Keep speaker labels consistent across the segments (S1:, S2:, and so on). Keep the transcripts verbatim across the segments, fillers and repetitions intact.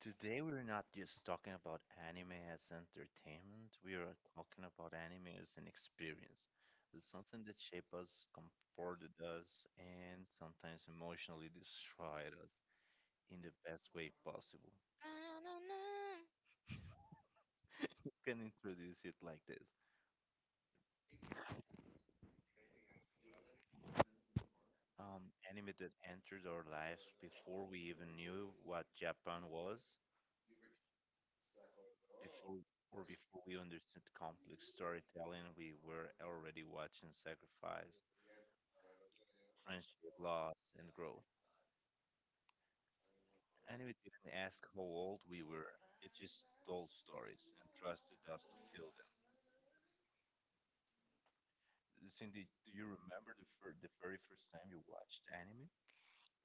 S1: Today we're not just talking about anime as entertainment, we are talking about anime as an experience. It's something that shaped us, comforted us, and sometimes emotionally destroyed us in the best way possible.
S2: Ba-na-na.
S1: We can introduce it like this. Um, anime that entered our lives before we even knew what Japan was, before or before we understood complex storytelling, we were already watching sacrifice, friendship, loss, and growth. And we didn't ask how old we were. It just told stories and trusted us to feel them. Cindy, do you remember the, fir- the very first time you watched anime?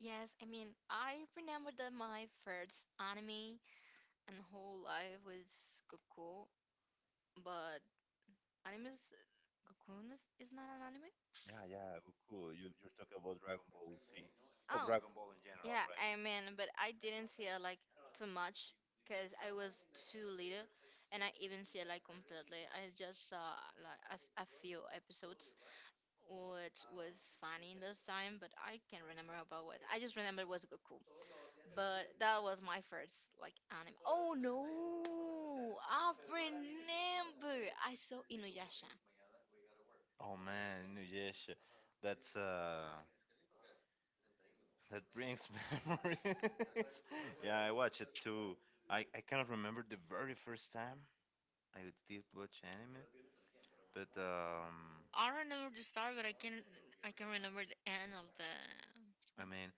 S2: Yes, I mean, I remember that my first anime and whole life was Goku, but anime is Goku is, is not an anime?
S1: Yeah, yeah, it cool. You, you're talking about Dragon Ball Z. Oh,
S2: Well,
S1: Dragon Ball Z.
S2: oh, yeah, I mean, but I didn't see it like too much because I was too little and I even see it like completely. I just saw like a, s- a few episodes, which was funny in those time, but I can't remember about what. I just remember it was Goku. But that was my first like anime. Oh no, I remember. I saw Inuyasha.
S1: Oh man, Nujesh, that's uh, that brings memories. Yeah, I watch it too. I I cannot remember the very first time I did watch anime, but um,
S2: I remember the start, but I can I can remember the end of the
S1: I mean,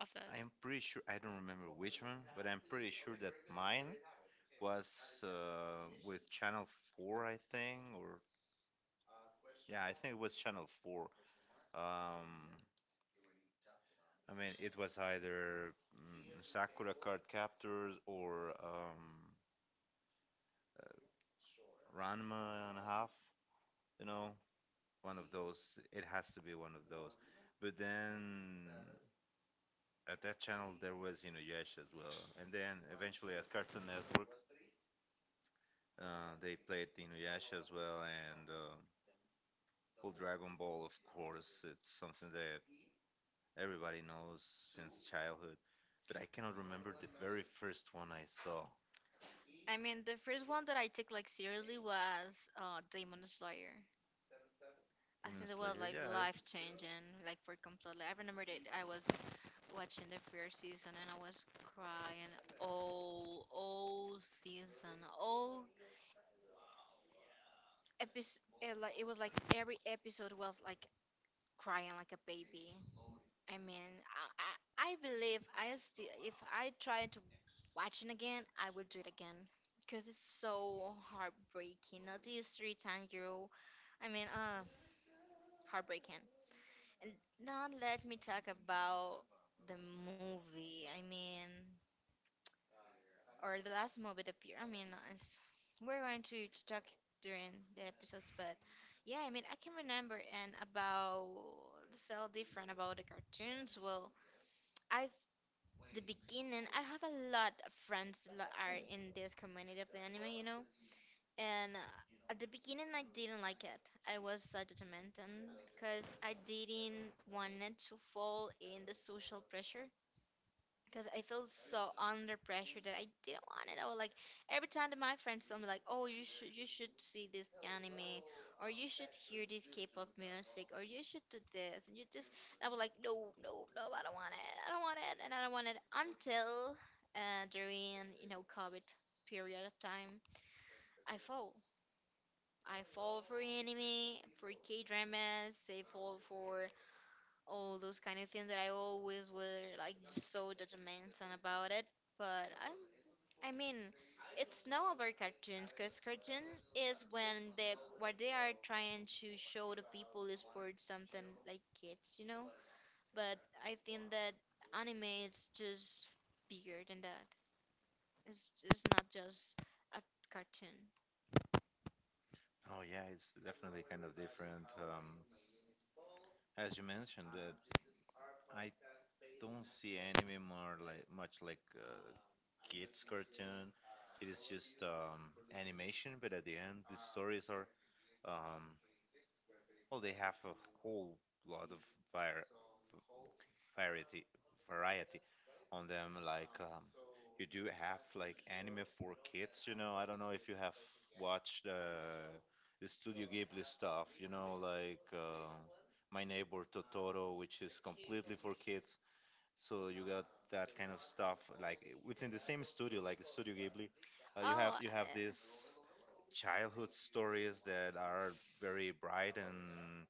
S2: of the.
S1: I am pretty sure I don't remember which one, but I'm pretty sure that mine was uh, with Channel Four, I think, or yeah, I think it was Channel Four. Um, I mean, it was either mm, Sakura Card Captors or um, uh, Ranma and a half, you know, one of those. It has to be one of those. But then at that channel there was you know Inuyasha as well, and then eventually at Cartoon Network. Uh, they played Inuyasha as well, and uh, well, Dragon Ball, of course. It's something that everybody knows since childhood, but I cannot remember the very first one I saw.
S2: I mean, the first one that I took like seriously was uh, Demon Slayer. I
S1: Demon
S2: think it was
S1: Slayer,
S2: like life
S1: yes.
S2: changing, like for completely. I remember that I was watching the first season and I was crying all all season, all episode, like it was like every episode was like crying like a baby. I mean, i i, I believe I still if I try to watch it again I will do it again because it's so heartbreaking now, these three times you, I mean, uh heartbreaking. And now let me talk about the movie, I mean, or the last movie that appear. I mean, we're going to, to talk during the episodes, but yeah, I mean, I can remember and about felt different about the cartoons. Well, I the beginning, I have a lot of friends that are in this community of the anime, you know, and uh, at the beginning, I didn't like it. I was so judgmental because I didn't want it to fall in the social pressure because I feel so under pressure that I didn't want it. I was like every time that my friends tell me like, "Oh, you should you should see this anime, or you should hear this K-pop music, or you should do this," and you just I was like, "No, no, no, I don't want it. I don't want it, and I don't want it." Until uh, during you know COVID period of time, I fall. I fall for anime, for K-dramas. I fall for all those kind of things that I always were like so judgmental about it. But I, I mean, it's not about cartoons because cartoon is when they what they are trying to show the people is for something like kids, you know. But I think that anime is just bigger than that. It's it's not just a cartoon.
S1: Oh yeah, it's definitely kind of different. Um, as you mentioned, that I don't see anime more like much like uh, kids cartoon. It is just um, animation, but at the end, the stories are um, well, they have a whole lot of var- v- variety variety on them. Like um, you do have like anime for kids. You know, I don't know if you have watched uh, the Studio Ghibli stuff. You know, like uh, My Neighbor Totoro, which is completely for kids. So you got that kind of stuff like within the same studio, like Studio Ghibli. Uh, you have
S2: Oh,
S1: you have
S2: uh,
S1: this childhood stories that are very bright and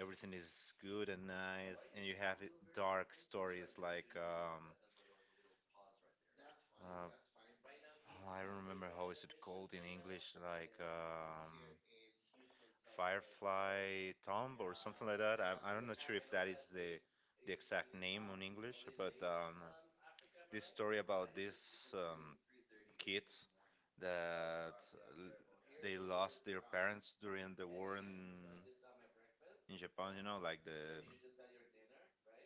S1: everything is good and nice, and you have it- dark stories like um, uh, oh, I don't remember how is it called in English, like um, Firefly Tomb or something like that. I I'm not sure if that is the the exact name on English, but um, this story about these um, kids that uh, l- they lost their parents during the war in in Japan, you know, like the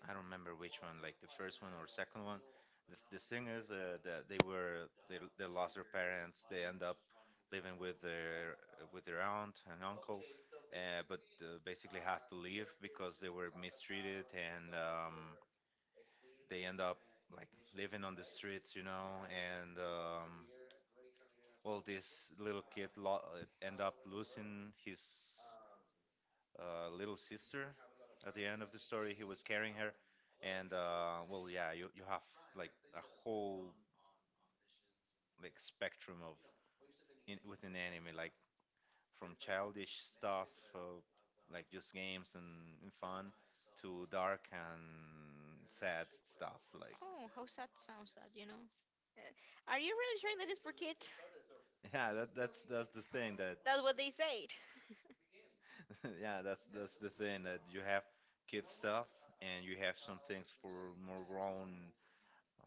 S1: I don't remember which one, like the first one or second one. The, the thing is uh, that they were they, they lost their parents. They end up living with their uh, with their aunt and uncle, uh, but uh, basically had to leave because they were mistreated and um, they end up like living on the streets, you know, and um, well, this little kid lo- uh, end up losing his uh, little sister. At the end of the story, he was carrying her, and uh, well, yeah, you you have like a whole like spectrum of in, within anime, like from childish stuff, uh, like just games and, and fun, to dark and sad stuff. Like
S2: oh, how sad sounds that, you know. Uh, Are you really sure that it's for kids?
S1: yeah, that that's that's the thing that
S2: That's what they said.
S1: yeah, that's that's the thing that you have kid stuff and you have some things for more grown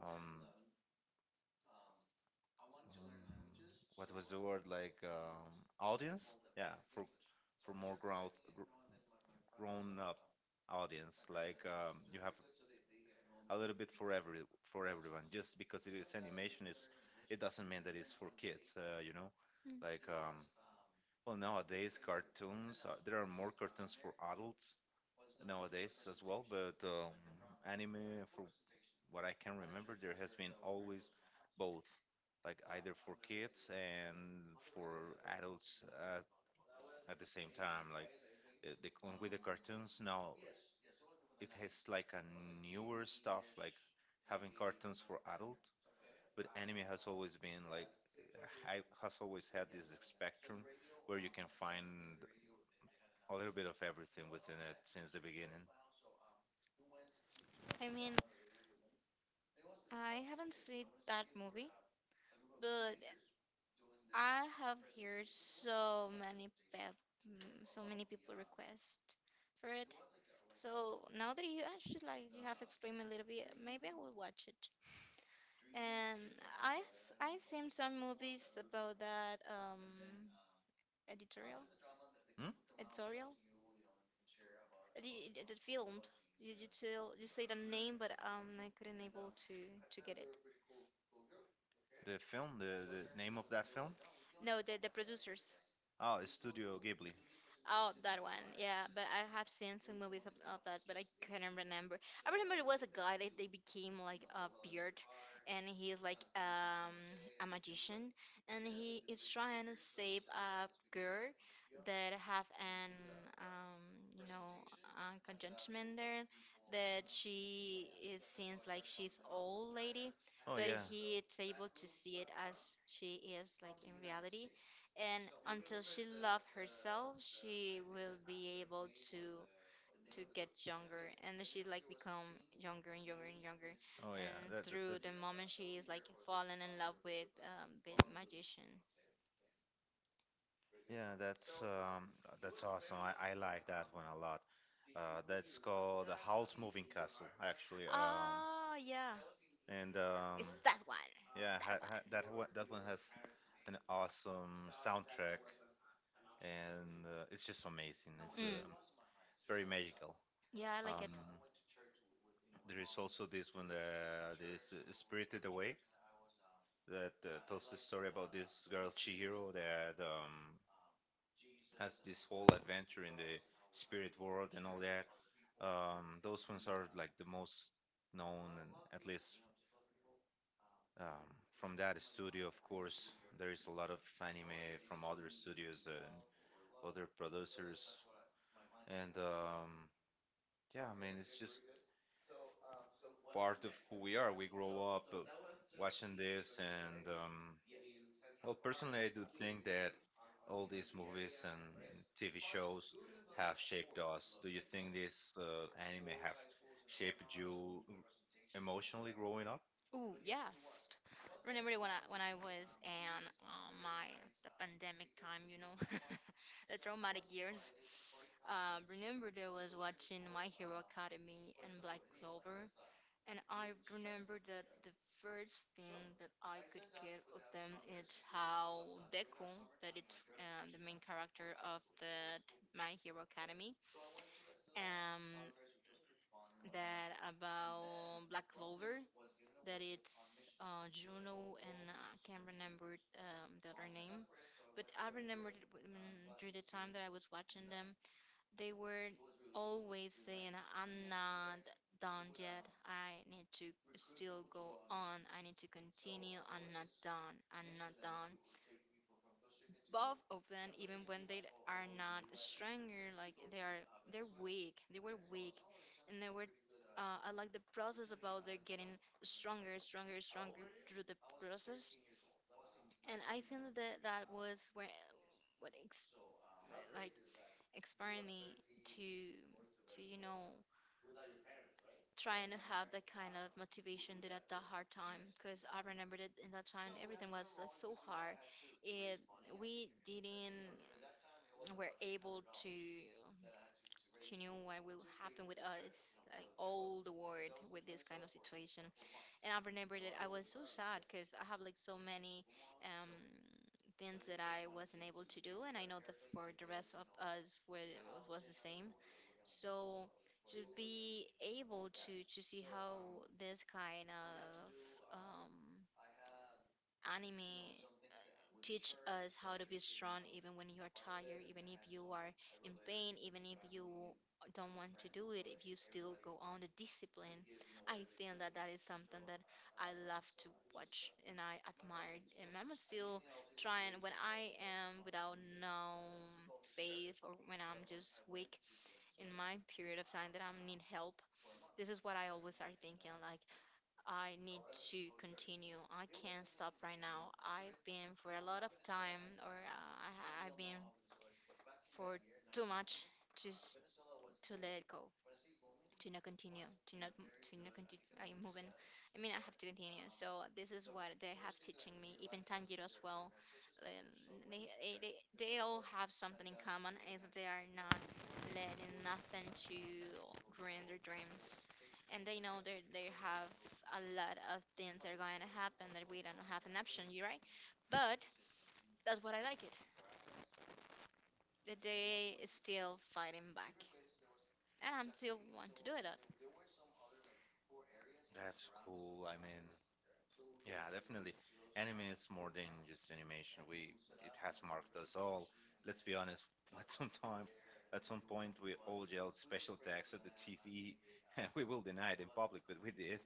S1: um what was the word like um, audience? Yeah, for for more grown grown up audience. Like um, you have a little bit for every for everyone. Just because it is animation is it doesn't mean that it's for kids. Uh, you know,
S2: Mm.
S1: like um, well nowadays cartoons uh, there are more cartoons for adults nowadays as well. But um, anime for what I can remember there has been always both like either for kids and for adults uh, at the same time like uh, the, c- with the cartoons now it has like a newer stuff like having cartoons for adult but anime has always been like uh, ha- has always had this spectrum where you can find a little bit of everything within it since the beginning.
S2: I mean, I haven't seen that movie, but I have heard so many pep, mm, so many people request for it. So now that you actually like you have explained a little bit, maybe I will watch it. And I s- I seen some movies about that um editorial
S1: Hmm?
S2: editorial. the, the the film you you, tell, you say the name, but um I couldn't able to to get it.
S1: The film, the, the name of that film?
S2: No, the the producers.
S1: Oh, it's Studio Ghibli.
S2: Oh, that one. Yeah, but I have seen some movies of, of that, but I couldn't remember. I remember it was a guy that they became like a beard, and he is like um a magician, and he is trying to save a girl that have an um, you know uh, conjunction there, that she is seems like she's old lady,
S1: Oh
S2: but
S1: yeah.
S2: he is able to see it as she is like in reality, and until she love herself she will be able to to get younger, and she's like become younger and younger and younger,
S1: Oh yeah,
S2: and
S1: that, that
S2: through
S1: that's
S2: the moment she is like fallen in love with um, the magician.
S1: yeah, that's um, that's awesome. I, I like that one a lot. Uh, that's called the House Moving Castle, actually. Um,
S2: Ah, yeah.
S1: and um,
S2: It's that one.
S1: Yeah, ha,
S2: That one.
S1: ha, that one, that one has an awesome soundtrack, and uh, it's just amazing. It's
S2: Mm.
S1: um, it's very magical.
S2: Yeah, I like it.
S1: Um, there is also this one uh, this uh, Spirited Away that uh, tells the story about this girl Chihiro that um, has this whole adventure in the spirit world and all that. Um, those ones are like the most known, and at least um, from that studio, of course, there is a lot of anime from other studios and other producers. And um, yeah, I mean, it's just part of who we are. We grow up uh, watching this, and um, well, personally, I do think that all these movies and T V shows have shaped us. Do you think this uh, anime have shaped you emotionally growing up?
S2: Ooh, yes. Remember when I when I was in uh, my the pandemic time, you know, the traumatic years. Uh, remember, there was watching My Hero Academy and Black Clover, and I remember that the first thing that I could get of them is how Deku, that it's uh, the main character of the My Hero Academy, um, that about Black Clover, that it's uh, Juno and uh, I can't remember um, the other name, but I remembered it w- mm, during the time that I was watching them. They were always saying, "I'm not done yet. I need to still go on. I need to continue. I'm not done. I'm not done." Both of them, even when they are not stronger, like they are, they're weak. They were weak, and they were. Uh, I like the process about they're getting stronger, stronger, stronger through the process. And I think that that was where, what ex- like inspired me to to you know trying to have that kind of motivation did at that hard time, because I remember that in that time everything was uh, so hard. It, we didn't were able to to know what will happen with us, like all the world with this kind of situation. And I remember that I was so sad because I have like so many um, things that I wasn't able to do, and I know that for the rest of us were, was the same. So to be able to to see how this kind of um, anime uh, teach us how to be strong even when you are tired, even if you are in pain, even if you don't want to do it, if you still go on the discipline. I think that that is something that I love to watch and I admire. And I'm still trying when I am without no faith or when I'm just weak in my period of time that I need help. This is what I always are thinking, like, I need to continue. I can't stop right now. I've been for a lot of time, or uh, I, ha- I've been for too much to s- to let it go, to not continue, to not to not continue. I'm moving. I mean, I have to continue. So this is what they have teaching me. Even Tanjiro as well. um, They, eh, they, they all have something in common is they are not letting nothing to ruin their dreams. And they know that they have a lot of things that are going to happen that we don't have an option, you right? But that's what I like it. That they is still fighting back. And I'm still want to do it. Up.
S1: That's cool. I mean, yeah, definitely. Anime is more than just animation. We it has marked us all. Let's be honest. At some time, at some point, we all yelled special tags at the T V. We will deny it in public, but we did.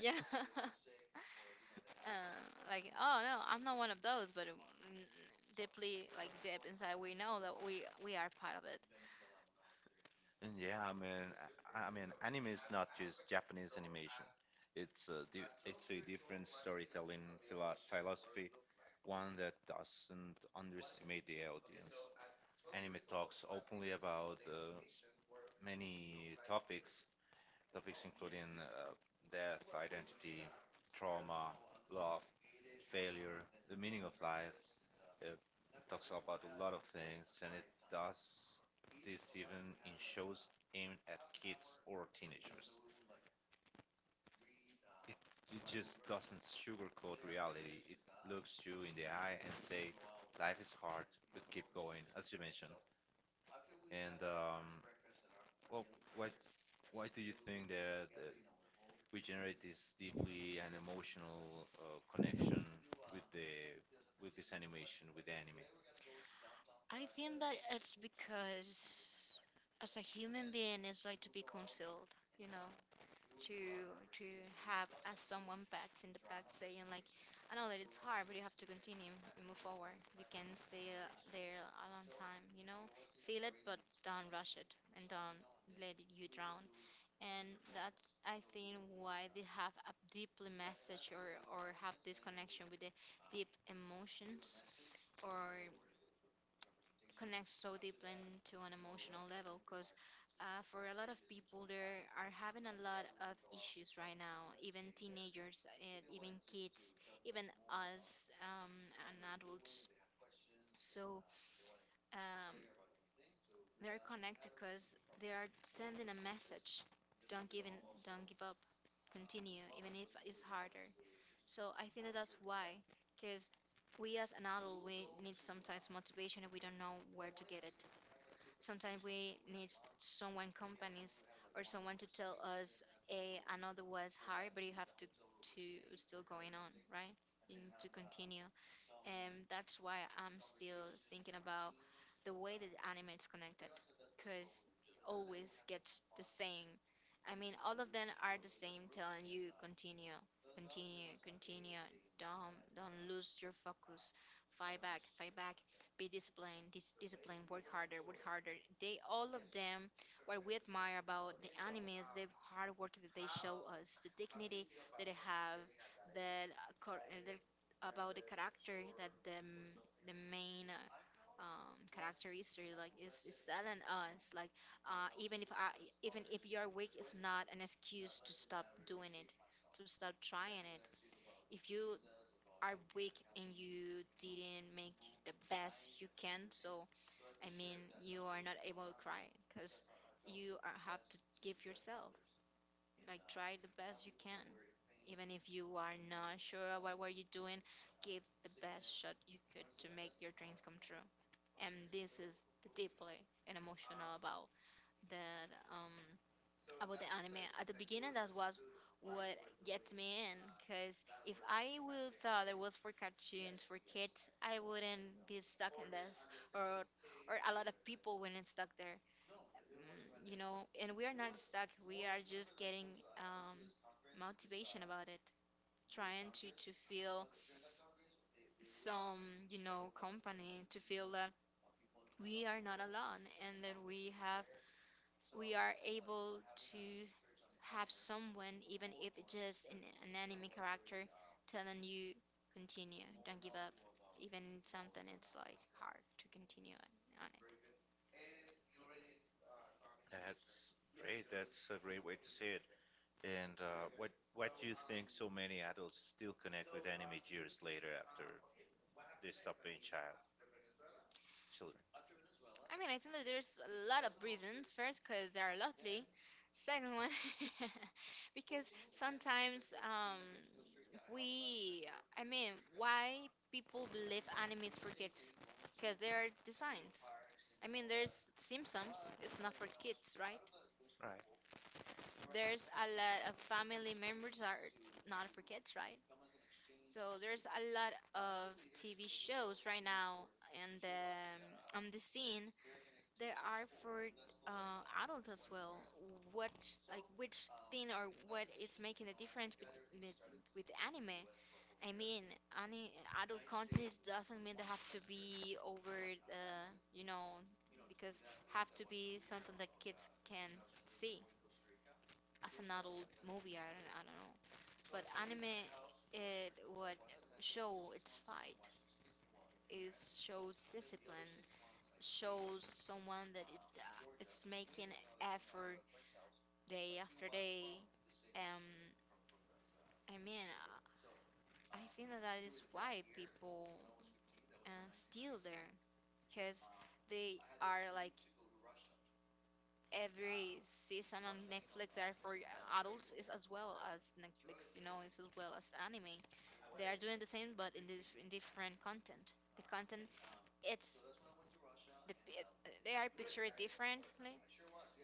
S2: Yeah. Uh, like, oh no, I'm not one of those, but um, n- deeply, like deep inside, we know that we we are part of it.
S1: And yeah, I mean, I, I mean, anime is not just Japanese animation. It's a di- it's a different storytelling philo- philosophy, one that doesn't underestimate the audience. Anime talks openly about uh, s- many topics, topics including uh, death, identity, trauma, love, failure, the meaning of life. It talks about a lot of things, and it does this even in shows aimed at kids or teenagers. It, it just doesn't sugarcoat reality. It looks you in the eye and say, life is hard, but keep going, as you mentioned. And um, well, why why do you think that uh, we generate this deeply an emotional uh, connection with the with this animation with the anime?
S2: I think that it's because as a human being, it's like to be concealed, you know, to to have as someone pats in the back saying like, I know that it's hard, but you have to continue and move forward. You can stay uh, there a long time, you know, feel it, but don't rush it and don't let you drown. And that's, I think, why they have a deeply message or or have this connection with the deep emotions, or connects so deeply to an emotional level, because uh, for a lot of people there are having a lot of issues right now, even teenagers and even kids, even us, um, and adults, so um, they're connected because they are sending a message, don't give in, don't give up, continue even if it's harder. So I think that that's why, because we as an adult, we need sometimes motivation and we don't know where to get it. Sometimes we need someone, companies, or someone to tell us, hey, I know the was hard, but you have to, to still going on, right? You need to continue. And that's why I'm still thinking about the way that anime is connected, because always gets the same. I mean, all of them are the same, telling you continue. Continue, continue. Don't don't lose your focus. Fight back, fight back. Be disciplined, dis- disciplined. Work harder, work harder. They all of them. What we admire about the anime is the hard work that they show us, the dignity that they have, the, cor- uh, the about the character, that the m- the main uh, um, character is really like is is telling us like, uh, even if I, even if your week is not an excuse to stop doing it, to stop trying it. If you are weak and you didn't make the best you can, so I mean you are not able to cry because you are, have to give yourself, like try the best you can. Even if you are not sure about what were you doing, give the best shot you could to make your dreams come true. And this is the deeply and emotional about that um about the anime at the beginning that was what gets me in, because if I would thought it was for cartoons for kids, I wouldn't be stuck in this or or a lot of people wouldn't stuck there. Mm, you know and we are not stuck, we are just getting um motivation about it, trying to to feel some you know company to feel that we are not alone, and that we have, we are able to have someone, even if it's just an, an anime character, telling you continue, don't give up, even something it's like hard to continue on on it.
S1: That's great. That's a great way to say it. And uh, what what do you think so many adults still connect with anime years later after they stop being child children?
S2: I mean, I think that there's a lot of reasons. First, because they are lovely. Second one, because sometimes um, we, I mean, why people believe animes for kids? Because they are designed. I mean, there's Simpsons. It's not for kids, right?
S1: Right.
S2: There's a lot of family members are not for kids, right? So there's a lot of T V shows right now and um, on the scene there are for uh, adults as well. What, like which thing or what is making a difference with with, with anime? I mean, any adult content doesn't mean they have to be over uh, you know, because have to be something that kids can see as an adult movie. I don't, I don't know, but anime it would show its fight. It shows discipline. Shows someone that it uh, it's making effort day after day. Um, I mean, I I think that that is why people uh, steal there, because they are like every season on Netflix are for adults is as well as Netflix, you know, it's as well as anime. They are doing the same but in, dif- in different content. The content it's the pi- uh, they are pictured differently,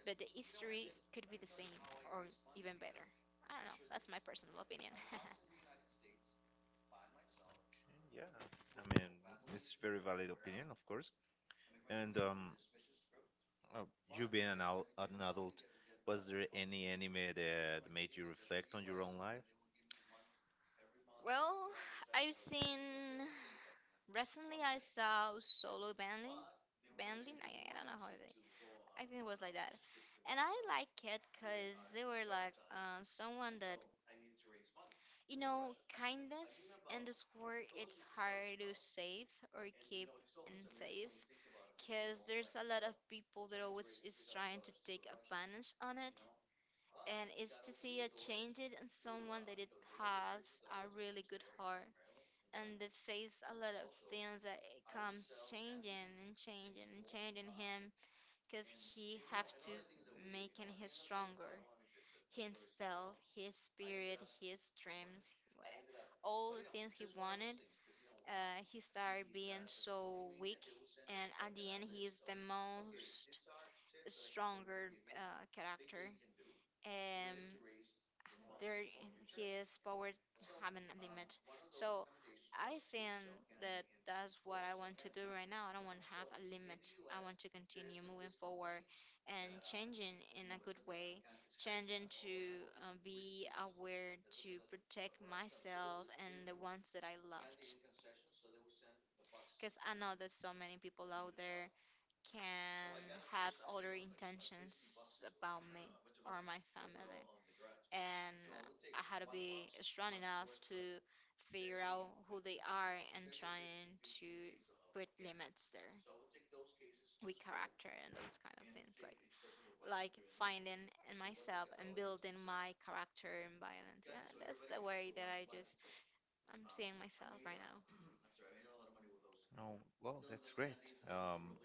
S2: but the history could be the same or even better. I don't know. That's my personal opinion.
S1: And yeah. I mean, it's very valid opinion, of course. And um, uh, you being an, al- an adult, was there any anime that made you reflect on your own life?
S2: Well, I've seen recently, I saw solo banding, banding. I, I don't know how they. I think it was like that, and I like it because they were like uh, someone that, you know, kindness in this world. It's hard to save or keep and save, because there's a lot of people that always is trying to take advantage on it, and it's to see a change it in someone that it has a really good heart, and they face a lot of things that it comes changing and changing and changing him, because he have to making him stronger, himself, his spirit, his dreams, wha- all the things he wanted. Uh, he started being so weak, and at the end he is the most stronger uh, character, and there his power have a limit. So I think that that's what I want to do right now. I don't want to have a limit. I want to continue moving forward and changing in a good way, changing to uh, be aware, to protect myself and the ones that I loved. Because I know there's so many people out there can have other intentions about me or my family. And I had to be strong enough to figure out who they are and trying to put limits there with character and those kind of things. Like like finding in myself and building my character and violence. Yeah, that's the way that I just I'm seeing myself right now.
S1: No. Well, that's great. Um,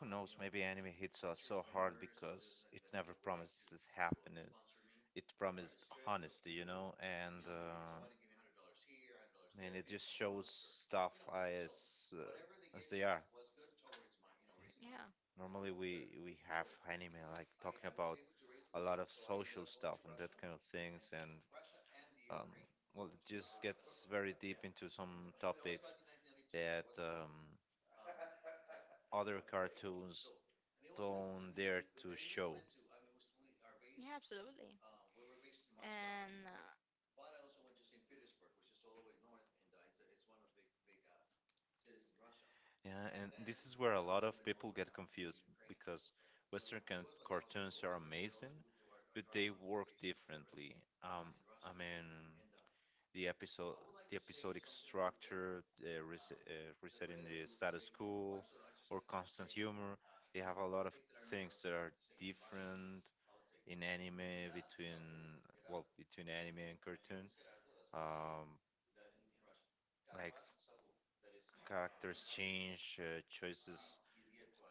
S1: Who knows, maybe anime hits us so hard because it never promises happiness. It promised honesty, you know, and uh, I mean, it just shows stuff as uh, as they are.
S2: Yeah.
S1: Normally, we we have anime like talking about a lot of social stuff and that kind of things, and um, well, it just gets very deep into some topics that um, other cartoons don't dare to show.
S2: Yeah, absolutely. And uh,
S1: Yeah, and this is where a lot of people get confused because Western can- cartoons are amazing, but they work differently. Um, I mean, the episode, the episodic structure, the res- uh, resetting the status quo, or constant humor. They have a lot of things that are different in anime between well between anime and cartoon. Um, like characters change, uh, choices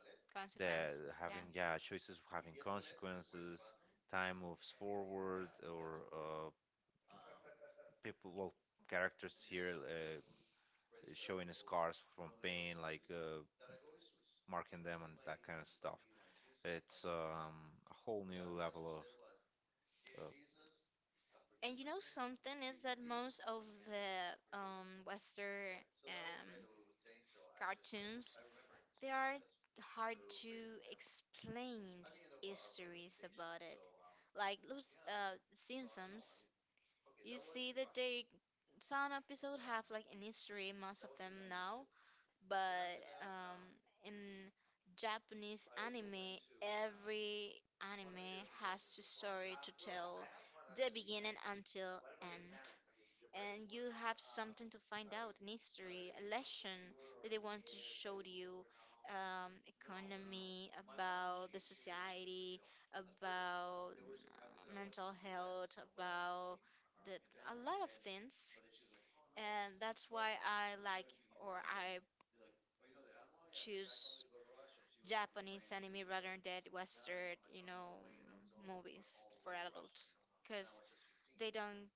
S2: that
S1: that
S2: consequences, yeah.
S1: having yeah choices having consequences, time moves forward or uh, people well characters here uh, showing scars from pain like uh, marking them and that kind of stuff it's um, a whole new level of uh,
S2: And you know something is that most of the um, Western um, cartoons, they are hard to explain histories about it. Like those uh, Simpsons, you see that they some episode have like an history, most of them now, but um, in Japanese anime, every anime has a story to tell, the beginning until end. And you have something to find out, an history, a lesson that they want to show to you, um, economy, about the society, about uh, mental health, about the, a lot of things, and that's why I like or I choose Japanese anime rather than Western, you know, movies for adults, because they don't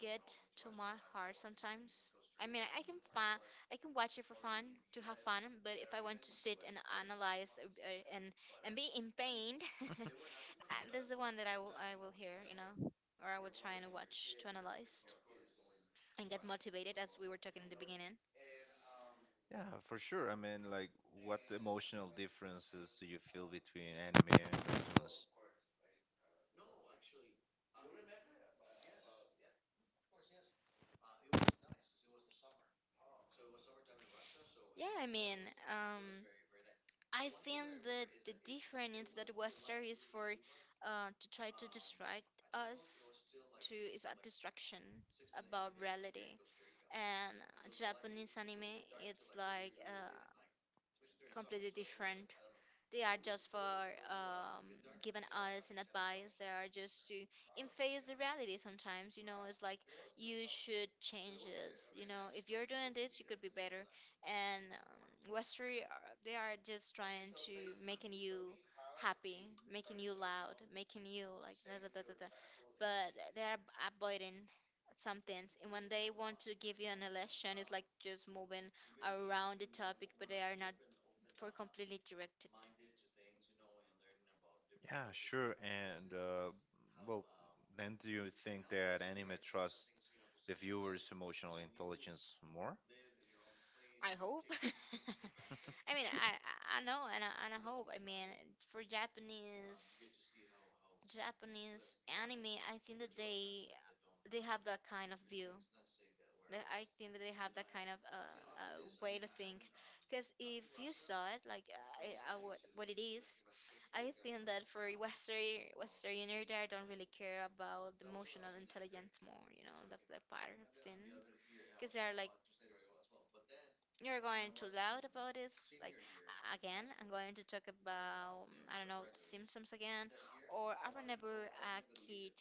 S2: get to my heart sometimes. I mean, I can find, I can watch it for fun to have fun, but if I want to sit and analyze uh, uh, and and be in pain, uh, this is the one that I will I will hear, you know, or I will try and watch to analyze and get motivated, as we were talking in the beginning.
S1: yeah for sure I mean like what emotional differences do you feel between anime and cartoons?
S2: Yeah, I mean, um, I think that the difference that Western is for uh, to try to distract us, to is a distraction about reality, and Japanese anime it's like uh, completely different. They are just for um, giving us an advice. They are just to face the reality sometimes. You know, it's like you should change this. You know, if you're doing this, you could be better. And um, Western, they are just trying to making you happy, making you loud, making you like da da da da da. But they are avoiding some things. And when they want to give you an election, it's like just moving around the topic, but they are not for completely directed.
S1: Yeah, sure. And, uh, well, um, then do you think that anime trusts the viewer's emotional intelligence more?
S2: I hope. I mean, I I I know, and I, and I hope. I mean, for Japanese Japanese anime, I think that they they have that kind of view. They- I think that they have that kind of uh, uh, way to think. Because if you saw it, like uh, I, I, what, what it is, I think that for Western Westerner, they don't really care about the emotional intelligence more, you know, that, that part of thing. Because they are like, you're going too loud about this. Like a- again, I'm going to talk about, I don't know, the Simpsons again, or I remember a kid,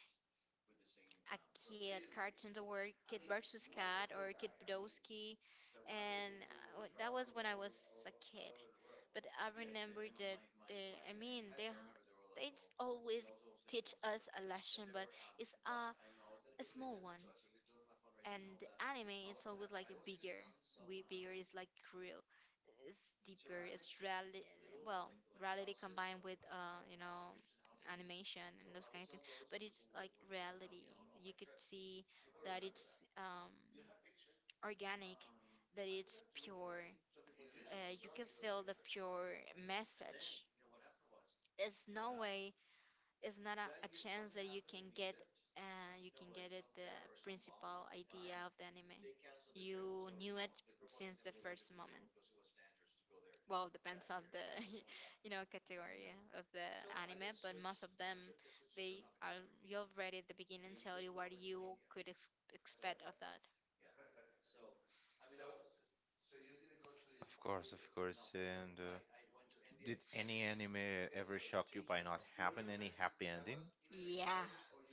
S2: a kid cartoon that were Kid versus Cat or Kid Podolsky, and uh, wa- that was when I was a kid. But I remember that they, I mean they they always teach us a lesson, but it's a a small one, and the anime is always like bigger. We bigger is like real. It's deeper. It's reality. Well, reality combined with uh, you know, animation and those kind of things. But it's like reality. You could see that it's um organic, that it's pure. Uh, you can feel the pure message. There's no way it's not a, a chance that you can get uh, you can get it the principal idea of the anime. You knew it since the first moment, well, depends on the you know category of the anime, but most of them, they are, you already at the beginning, tell you what you could ex- expect of that.
S1: Of course, of course. And uh, did any anime yeah ever so shock you by not having any happy ending?
S2: Yeah,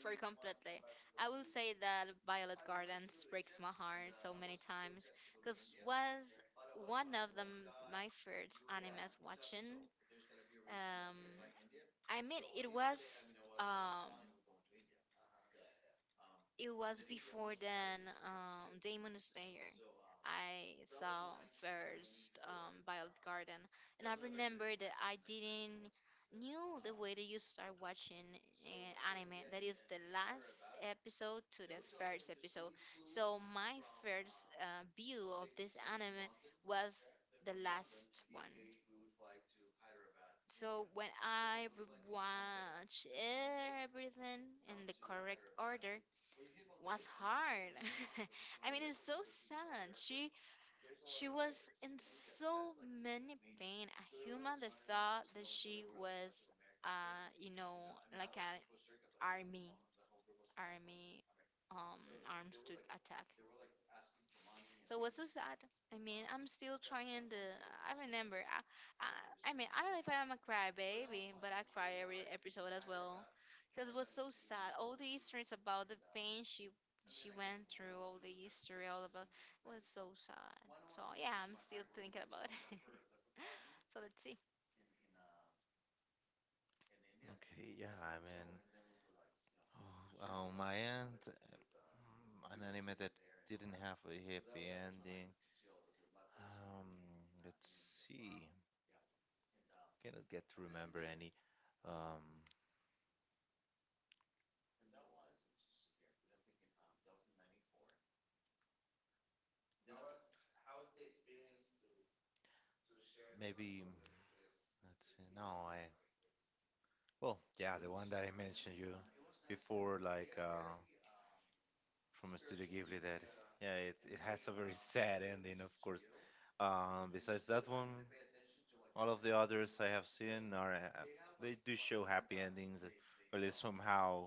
S2: for completely. I will say that Violet Gardens breaks my heart so many times, because was one of the m my first animes watching. Um, I mean, it was um, it was before then, um, Demon Slayer. I saw first um, Violet Garden, and I remember that I didn't knew the way that you start watching uh, anime. That is the last episode to the first episode. So my first uh, view of this anime was the last one. So when I watch everything in the correct order, was hard. I mean, it's so sad. She she was in so many pain. A human that thought that she was, uh, you know, like an army, army um arms to attack. So was so sad. I mean, I'm still trying to. I remember. I, I, I mean, I don't know if I'm a crybaby, but I cry every episode as well, because it was so sad. All the histories about the pain she she went through, all the history, all about it was so sad. So yeah, I'm still thinking about it. So let's see.
S1: Okay, yeah, I mean, oh, on my end, uh, an anime that didn't have a happy ending. Um, let's see. Cannot get to remember any. Um, maybe let's see. No, I. Well, yeah, the one that I mentioned you before, like uh, from Studio Ghibli that yeah, it, it has a very sad ending, of course. Um, besides that one, all of the others I have seen are uh, they do show happy endings, uh, or at least somehow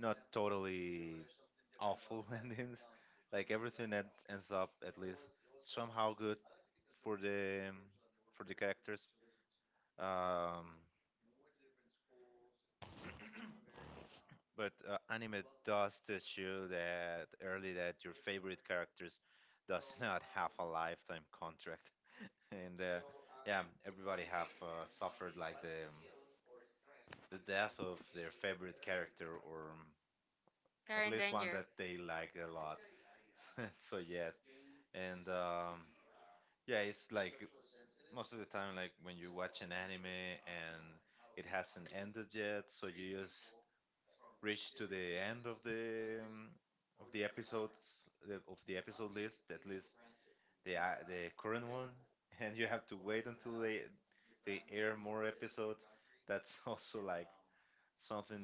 S1: not totally awful endings. Like everything that ends up at least somehow good for the for the characters. Um, But uh, anime does teach you that early that your favorite characters does not have a lifetime contract, and uh, yeah, everybody have uh, suffered like the um, the death of their favorite character or um,
S2: They're
S1: at
S2: in
S1: least one that
S2: danger.
S1: they like a lot. so yes, and um, yeah, it's like most of the time, like, when you watch an anime and it hasn't ended yet, so you just reach to the end of the um, of the episodes, the, of the episode list, at least the uh, the current one, and you have to wait until they they air more episodes. That's also like something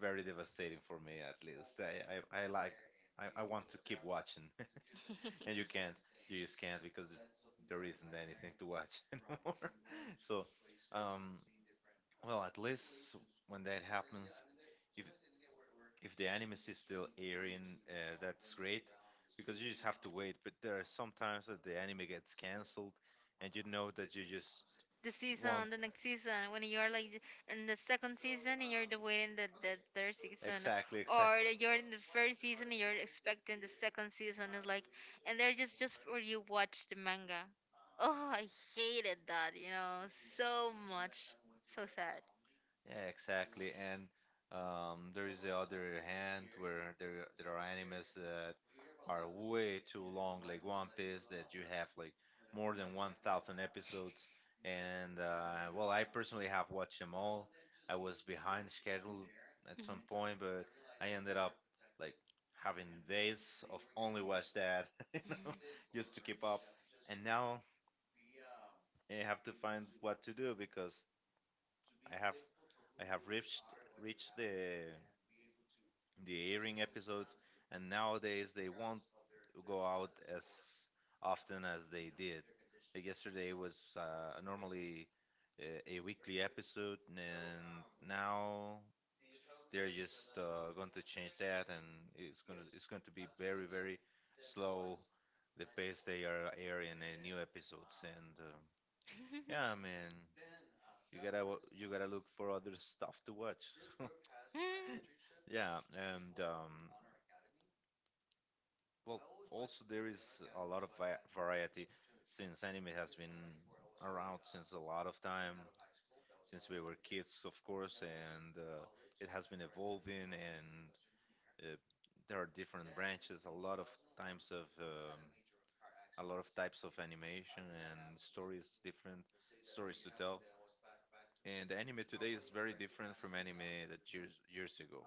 S1: very devastating for me, at least. I I, I like I, I want to keep watching. and you can't you just can't because there isn't anything to watch anymore. So, um well, at least, when that happens, if if the anime is still airing, uh, that's great, because you just have to wait, but there are some times that the anime gets cancelled and you know that you just
S2: The
S1: won't.
S2: season, the next season, when you're like in the second season and you're the waiting the, the third season,
S1: Exactly, exactly.
S2: or that you're in the first season and you're expecting the second season. It's like, and they're just just for you watch the manga. Oh, I hated that, you know, so much, so sad.
S1: Yeah, exactly. And um, there is the other hand, where there there are animes that are way too long, like One Piece, that you have like more than one thousand episodes. And uh, well, I personally have watched them all. I was behind schedule at some
S2: Mhm.
S1: point, but I ended up like having days of only watch that, you know, just to keep up. And now I have to find what to do because I have I have reached reached the the airing episodes, and nowadays they won't go out as often as they did. Like yesterday was, uh, normally, uh, a weekly episode, and now they're just uh, going to change that, and it's going to it's going to be very, very slow, the pace they are airing uh, new episodes and. Uh, yeah, man. You gotta wa- you gotta look for other stuff to watch.
S2: Mhm.
S1: Yeah, and um, well, also, there is a lot of va- variety since anime has been around since a lot of time, since we were kids, of course, and uh, it has been evolving, and uh, there are different branches, a lot of times of um, a lot of types of animation and stories, different stories to tell. And anime today is very different from anime that years years ago.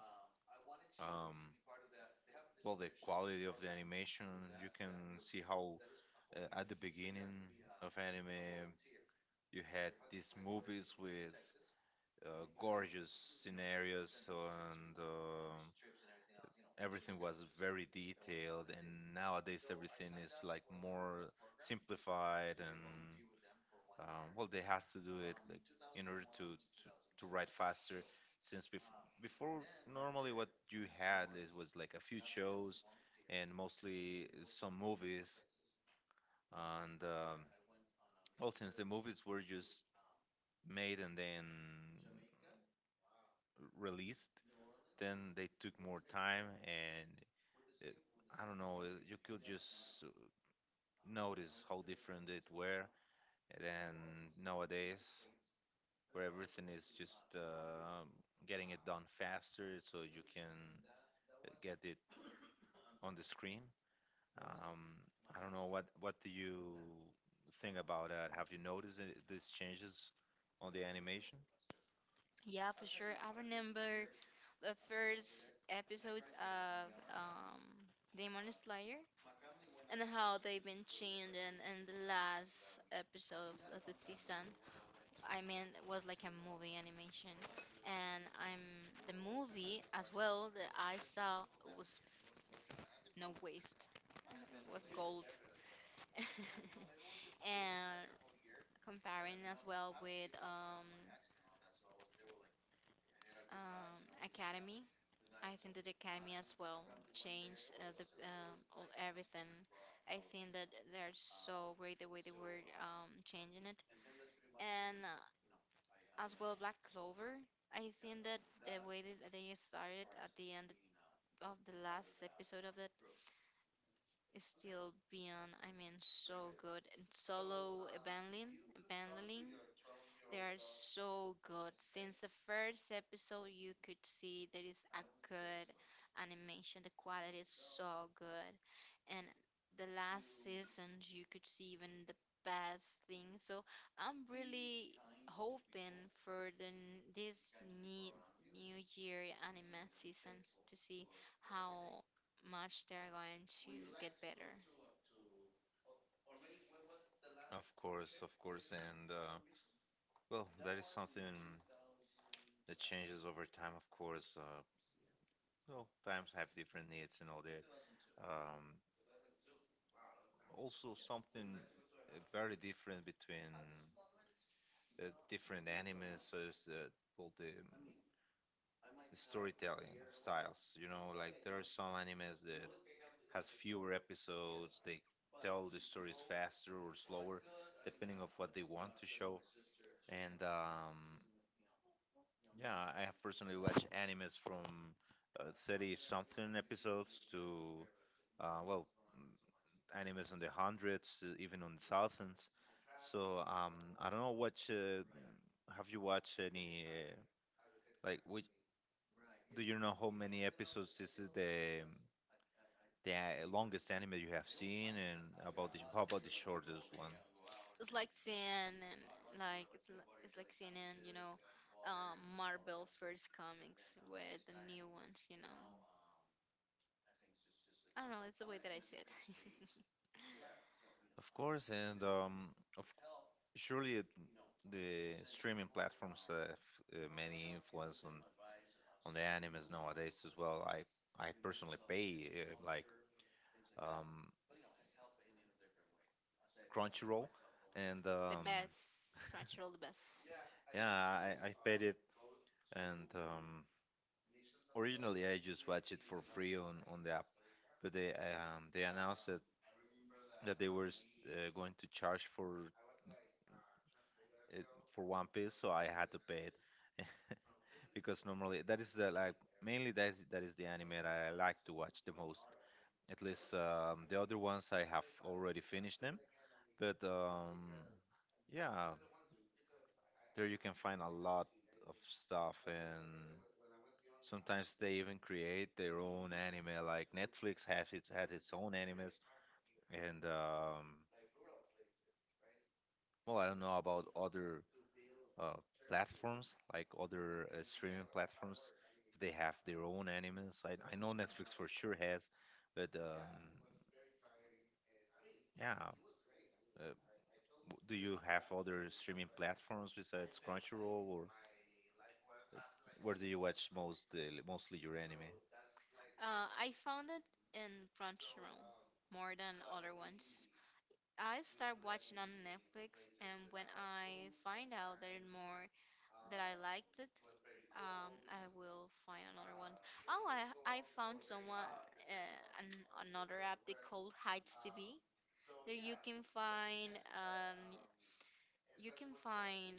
S1: Um, well, the quality of the animation, you can see how, uh, at the beginning of anime, you had these movies with uh, gorgeous scenarios, and um everything was very detailed. And nowadays, everything is like more simplified, and um, well, they have to do it, like, in order to to, to write faster. Since bef- before, normally what you had is was like a few shows and mostly some movies, and um, well, since the movies were just made and then released, then they took more time, and, it, I don't know, uh, you could just uh, notice how different it were than nowadays, where everything is just uh, getting it done faster, so you can uh, get it on the screen. Um, I don't know, what what do you think about that? Have you noticed it, these changes on the animation?
S2: Yeah, for sure. I remember the first episodes of um, Demon Slayer and how they've been changing in the last episode of the season. I mean, it was like a movie animation, and I'm the movie as well that I saw was no waste, it was gold. And comparing as well with um um, academy. I think that the academy as well changed uh, the uh, all- everything. I think that they're so great the way they were um, changing it, and uh, as well Black Clover. I think that the way that they started at the end of the last episode of it is still being, I mean, so good. And solo abandoning, abandoning, they are so good. Since the first episode, you could see there is a good animation. The quality is so good. And the last seasons, you could see even the best thing. So I'm really hoping for the n- this new, new year anime seasons to see how much they're going to get better.
S1: Of course, of course, and uh, well, that is something that changes over time. Of course, uh, well, times have different needs and all that. Um, Also, something, uh, very different between, uh, different animes. So, it's, uh, well, the storytelling styles. You know, like, there are some animes that has fewer episodes. They tell the stories faster or slower, depending of what they want to show. And um, yeah, I have personally watched animes from, uh, thirty something episodes to, uh, well, mm, animes in the hundreds, uh, even on thousands. So, um, I don't know what, uh, have you watched any, uh, like, which, do you know how many episodes this is the the uh, longest anime you have seen, and about the, how about the shortest one?
S2: It's like seeing and like it's li- it's like seeing and you know, um, Marvel first comics with the new ones. You know, I don't know. It's the way that I see it.
S1: Of course, and um, surely, it, the streaming platforms have uh, many influence on on the animes nowadays as well. I I personally pay, uh, like, um, Crunchyroll, and
S2: The
S1: um,
S2: best Crunchyroll, the best.
S1: yeah, I, I paid it, and um, originally I just watched it for free on, on the app, but they um, they announced that, that they were s- uh, going to charge for it for One Piece, so I had to pay it. Because normally that is the like mainly that is, that is the anime that I like to watch the most. At least, um, the other ones I have already finished them, but um, yeah, there you can find a lot of stuff, and sometimes they even create their own anime. Like Netflix has its has its own animes, and um, well, I don't know about other uh, platforms, like other uh, streaming platforms, if they have their own animes. I, I know Netflix for sure has, but um, yeah, uh, w- do you have other streaming platforms besides Crunchyroll, or, uh, where do you watch most uh, mostly your anime?
S2: Uh, I found it in Crunchyroll more than other ones. I start watching on Netflix, and when I find out there are more that I liked it, um, I will find another one. Oh, I I found someone uh, an, another app they called Heights T V. There you can find um, you can find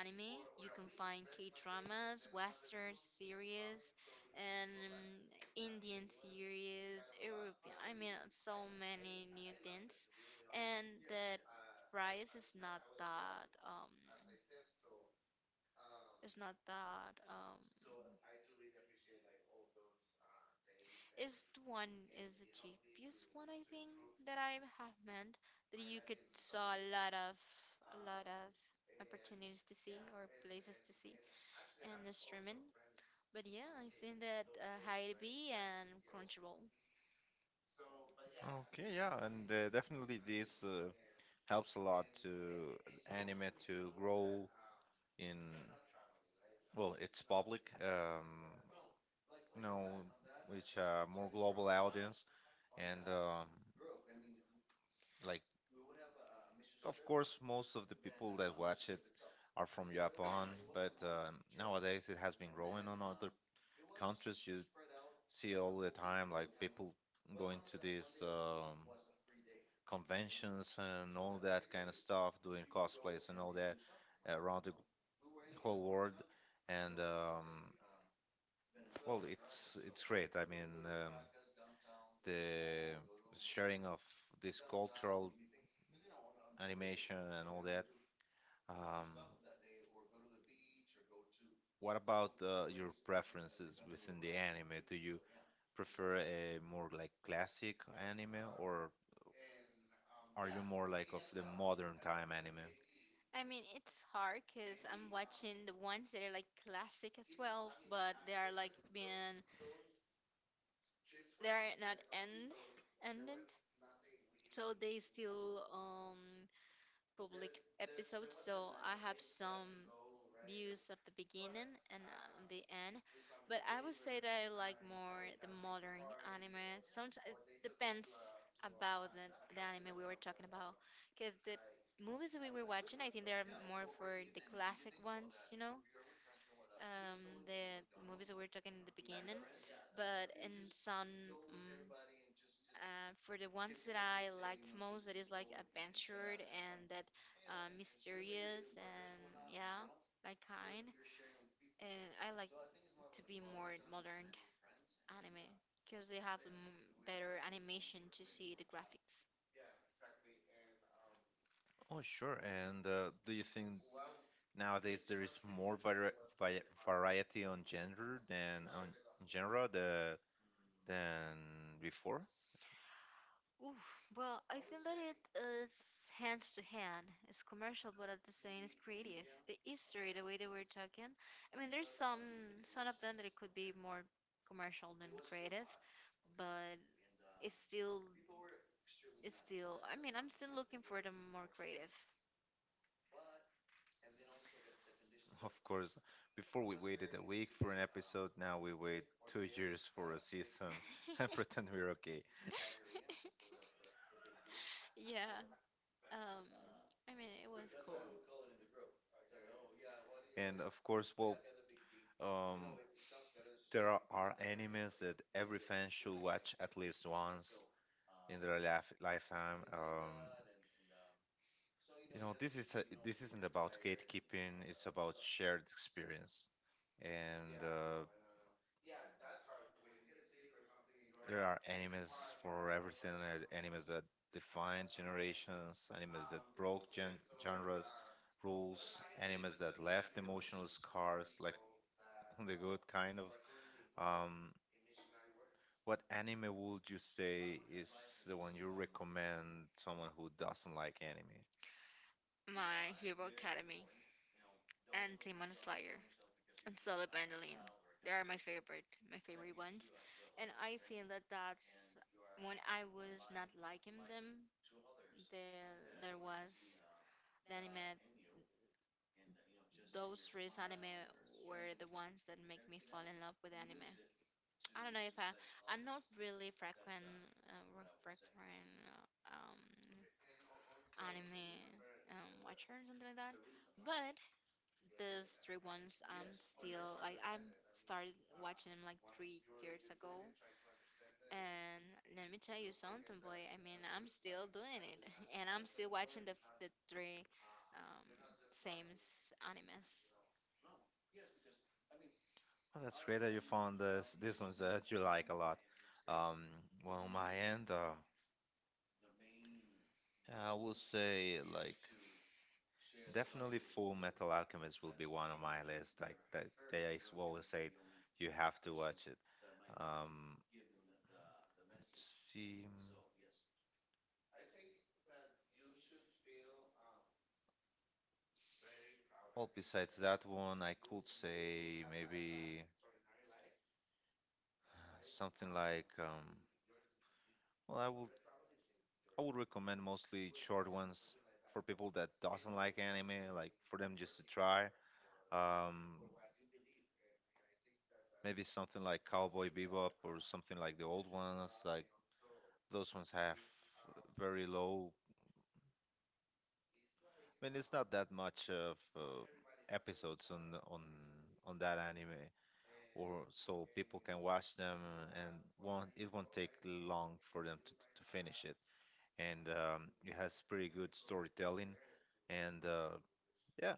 S2: anime, you can find K dramas, Western series, and um, Indian series, European. I mean, uh, so many new things, and the price is not that um it's not that. Um, is the one is the cheapest one I think that I have meant that you could saw a lot of a lot of opportunities to see or places to see in the streaming. But yeah, I think that uh, Heidi B and Crunchyroll.
S1: Okay, yeah, and uh, definitely this uh, helps a lot to anime to grow in, well, it's public, um, you know, which, uh, more global audience, and um, like, of course, most of the people that watch it are from Japan, but um, nowadays it has been growing on other countries. You see all the time, like, people going to these um, conventions and all that kind of stuff, doing cosplays and all that around the whole world. And um, well, it's it's great. I mean, um, the sharing of this cultural animation and all that. Um, what about uh, your preferences within the anime? Do you prefer a more like classic anime, or are you more like of the modern time anime?
S2: I mean, it's hard because I'm watching the ones that are like classic as well, but they are like being they are not end ended, so they still um public episodes. So I have some views of the beginning and um, the end, but I would say that I like more the modern anime. Sometimes it depends about the, the anime we were talking about, because the movies that we were watching, I think they're more for the classic ones, you know, um, the movies that we were talking in the beginning. But in some, mm, uh, for the ones that I liked most, that is like adventure and that uh, mysterious and yeah, that kind. And I like to be more modern anime because they have m- better animation to see the graphics.
S1: Oh, sure. And uh, do you think nowadays there is more vari vi variety on gender, than on genre, the than before?
S2: Oof, well, I feel that it is hands to hand. It's commercial, but at the same, it's creative. The history, the way they were talking. I mean, there's some some of them that it could be more commercial than creative, but it's still it's still. I mean, I'm still looking for the more creative.
S1: Of course, before we waited a week for an episode, now we wait two years for a season, and pretend we're okay.
S2: Yeah. Um. I mean, it was cool.
S1: And of course, well, um, there are, are animes that every fan should watch at least once in their life, lifetime. Um, you know, this is a, this isn't about gatekeeping. It's about shared experience. And uh, there are animes for everything. uh, Animes that defined generations. Animes that broke gen- genres, rules. Animes that left emotional scars. Like, the good kind of. Um, what anime would you say is the one you recommend someone who doesn't like anime?
S2: My Hero Academy, and Demon Slayer, and Solo Bandolin. They are my favorite, my favorite ones. And I think that that's when I was not liking them, there there was the anime. Those three anime were the ones that make me fall in love with anime. I don't know if I, I'm not really frequent, uh, re- frequent uh, um, anime um, watcher or something like that. But these three ones I'm still like I'm started watching them like three years ago. And let me tell you something, boy. I mean, I'm still doing it, and I'm still watching the f- the three um, same animes.
S1: Well, that's great that you found this this ones that you like a lot. Um, well, on my end, um, I will say, like, definitely Full Metal Alchemist will be one on my list. Like that, they s- always say you have to watch it. Um, let's see. Well, besides that one, I could say maybe something like, um, well, I would I would recommend mostly short ones for people that doesn't like anime, like, for them just to try. Um, Maybe something like Cowboy Bebop or something like the old ones. Like, those ones have very low. I mean, it's not that much of uh, episodes on on on that anime, or so people can watch them and won't it won't take long for them to, to finish it, and um, it has pretty good storytelling, and uh, yeah,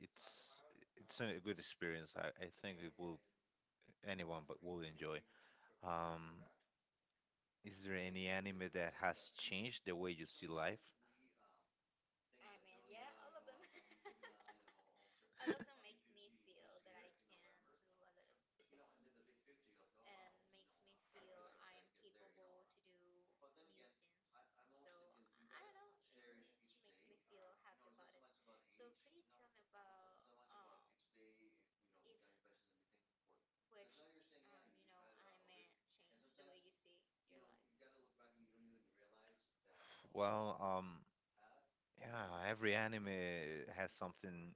S1: it's it's a good experience. I, I think it will anyone but will enjoy. um, is there any anime that has changed the way you see life? Well, um, yeah, every anime has something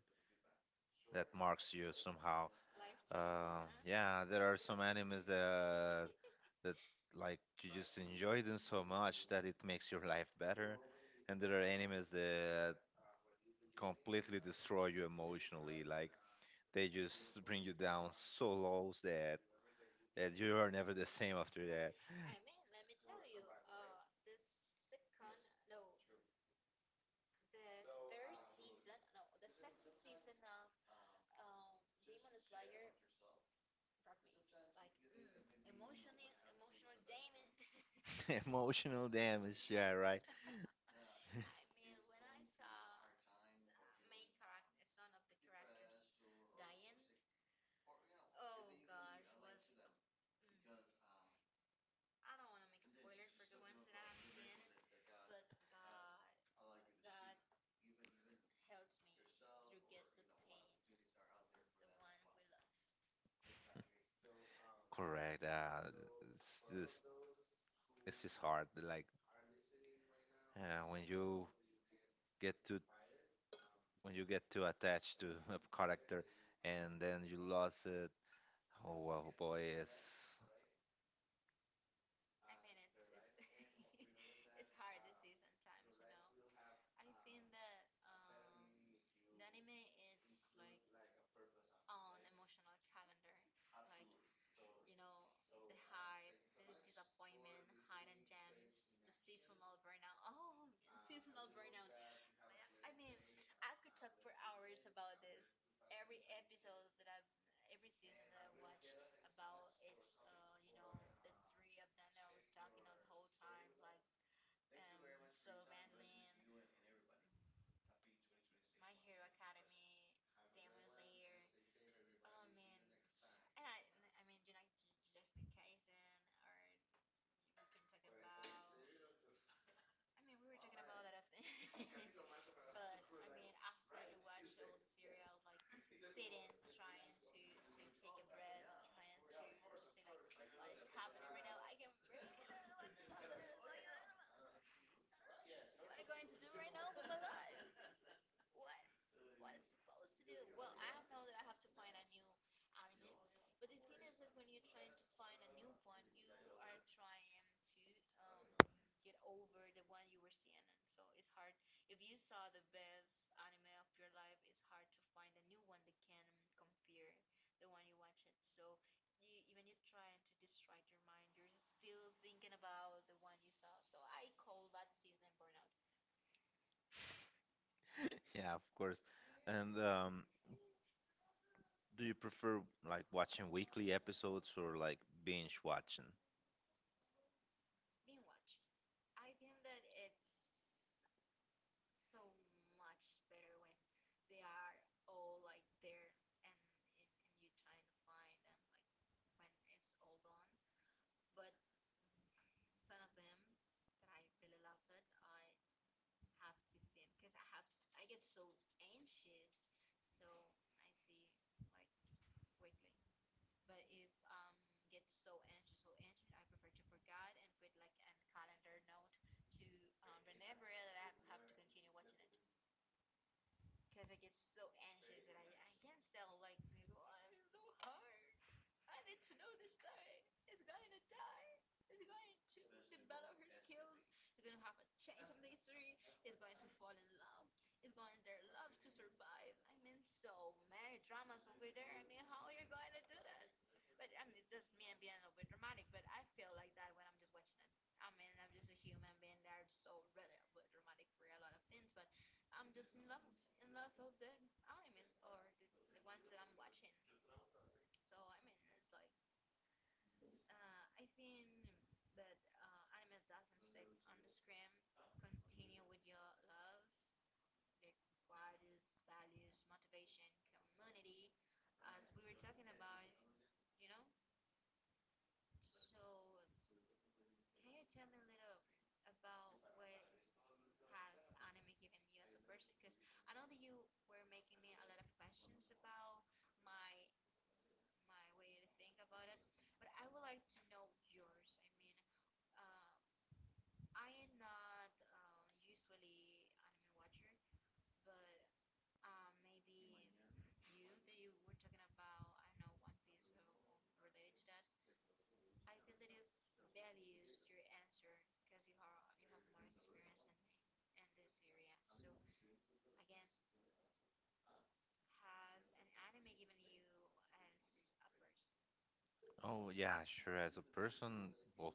S1: that marks you somehow. Uh, yeah, there are some animes that that like, you just enjoy them so much that it makes your life better, and there are animes that completely destroy you emotionally. Like, they just bring you down so low that that you are never the same after that. Emotional damage, yeah, right. Correct. Uh, it's just it's just hard. Like, uh, when you get too when you get too attached to a character, and then you lost it. Oh well, boy, it's yeah, of course. And um, do you prefer like watching weekly episodes, or like binge watching? Oh yeah, sure. As a person, well,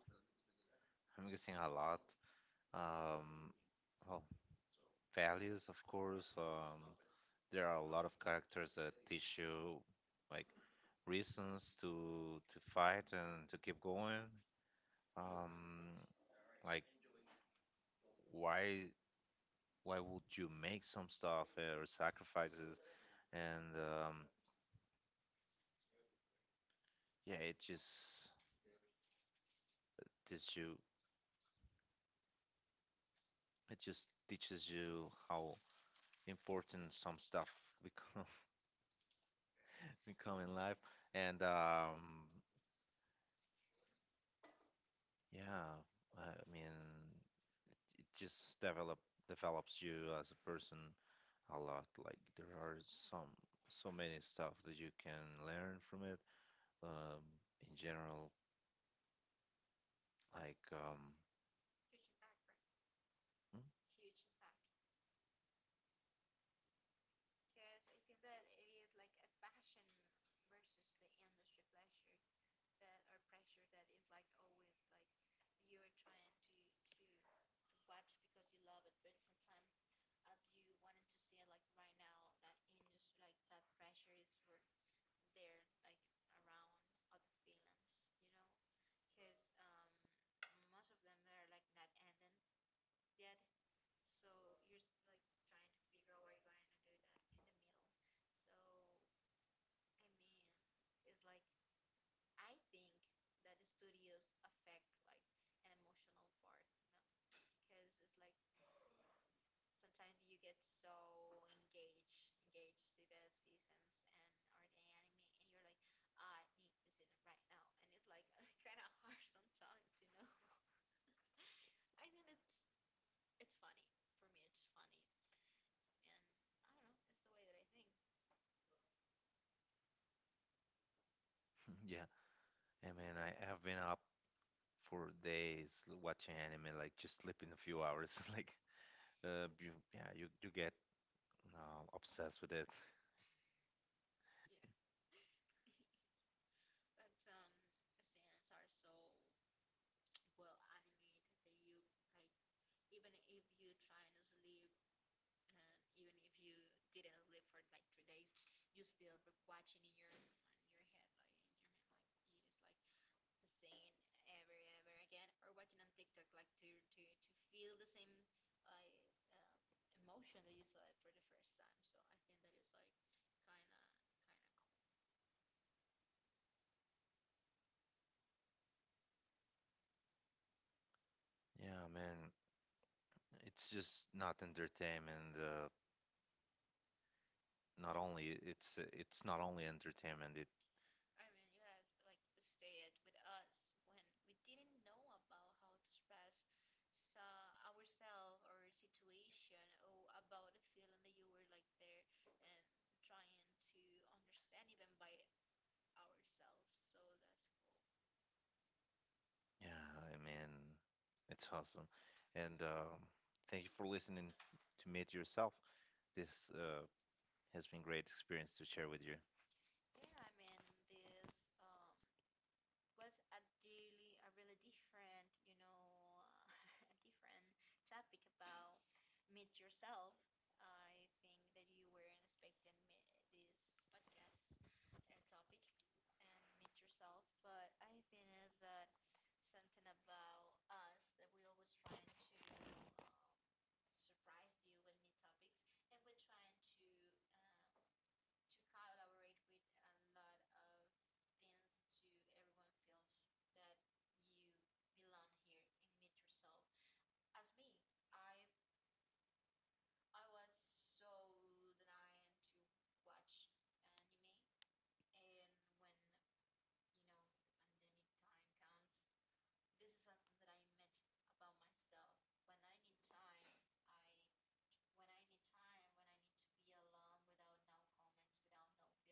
S1: I'm guessing a lot. Um, well, values, of course. Um, there are a lot of characters that teach you, like, reasons to to fight and to keep going. Um, like, why why would you make some stuff, uh, or sacrifices? And um, yeah, it just teaches you. It just teaches you how important some stuff become become in life, and um yeah, i mean it just develop develops you as a person a lot. Like, there are some so many stuff that you can learn from it, um in general, like, um yeah. I mean i have been up for days, l- watching anime, like, just sleeping a few hours, like, uh you, yeah, you you get uh, obsessed with it, yeah, man. It's just not entertainment. Uh, not only it's it's not only entertainment. It yeah, I mean, it's awesome. And um, thank you for listening to Meet Yourself. This uh, has been great experience to share with you.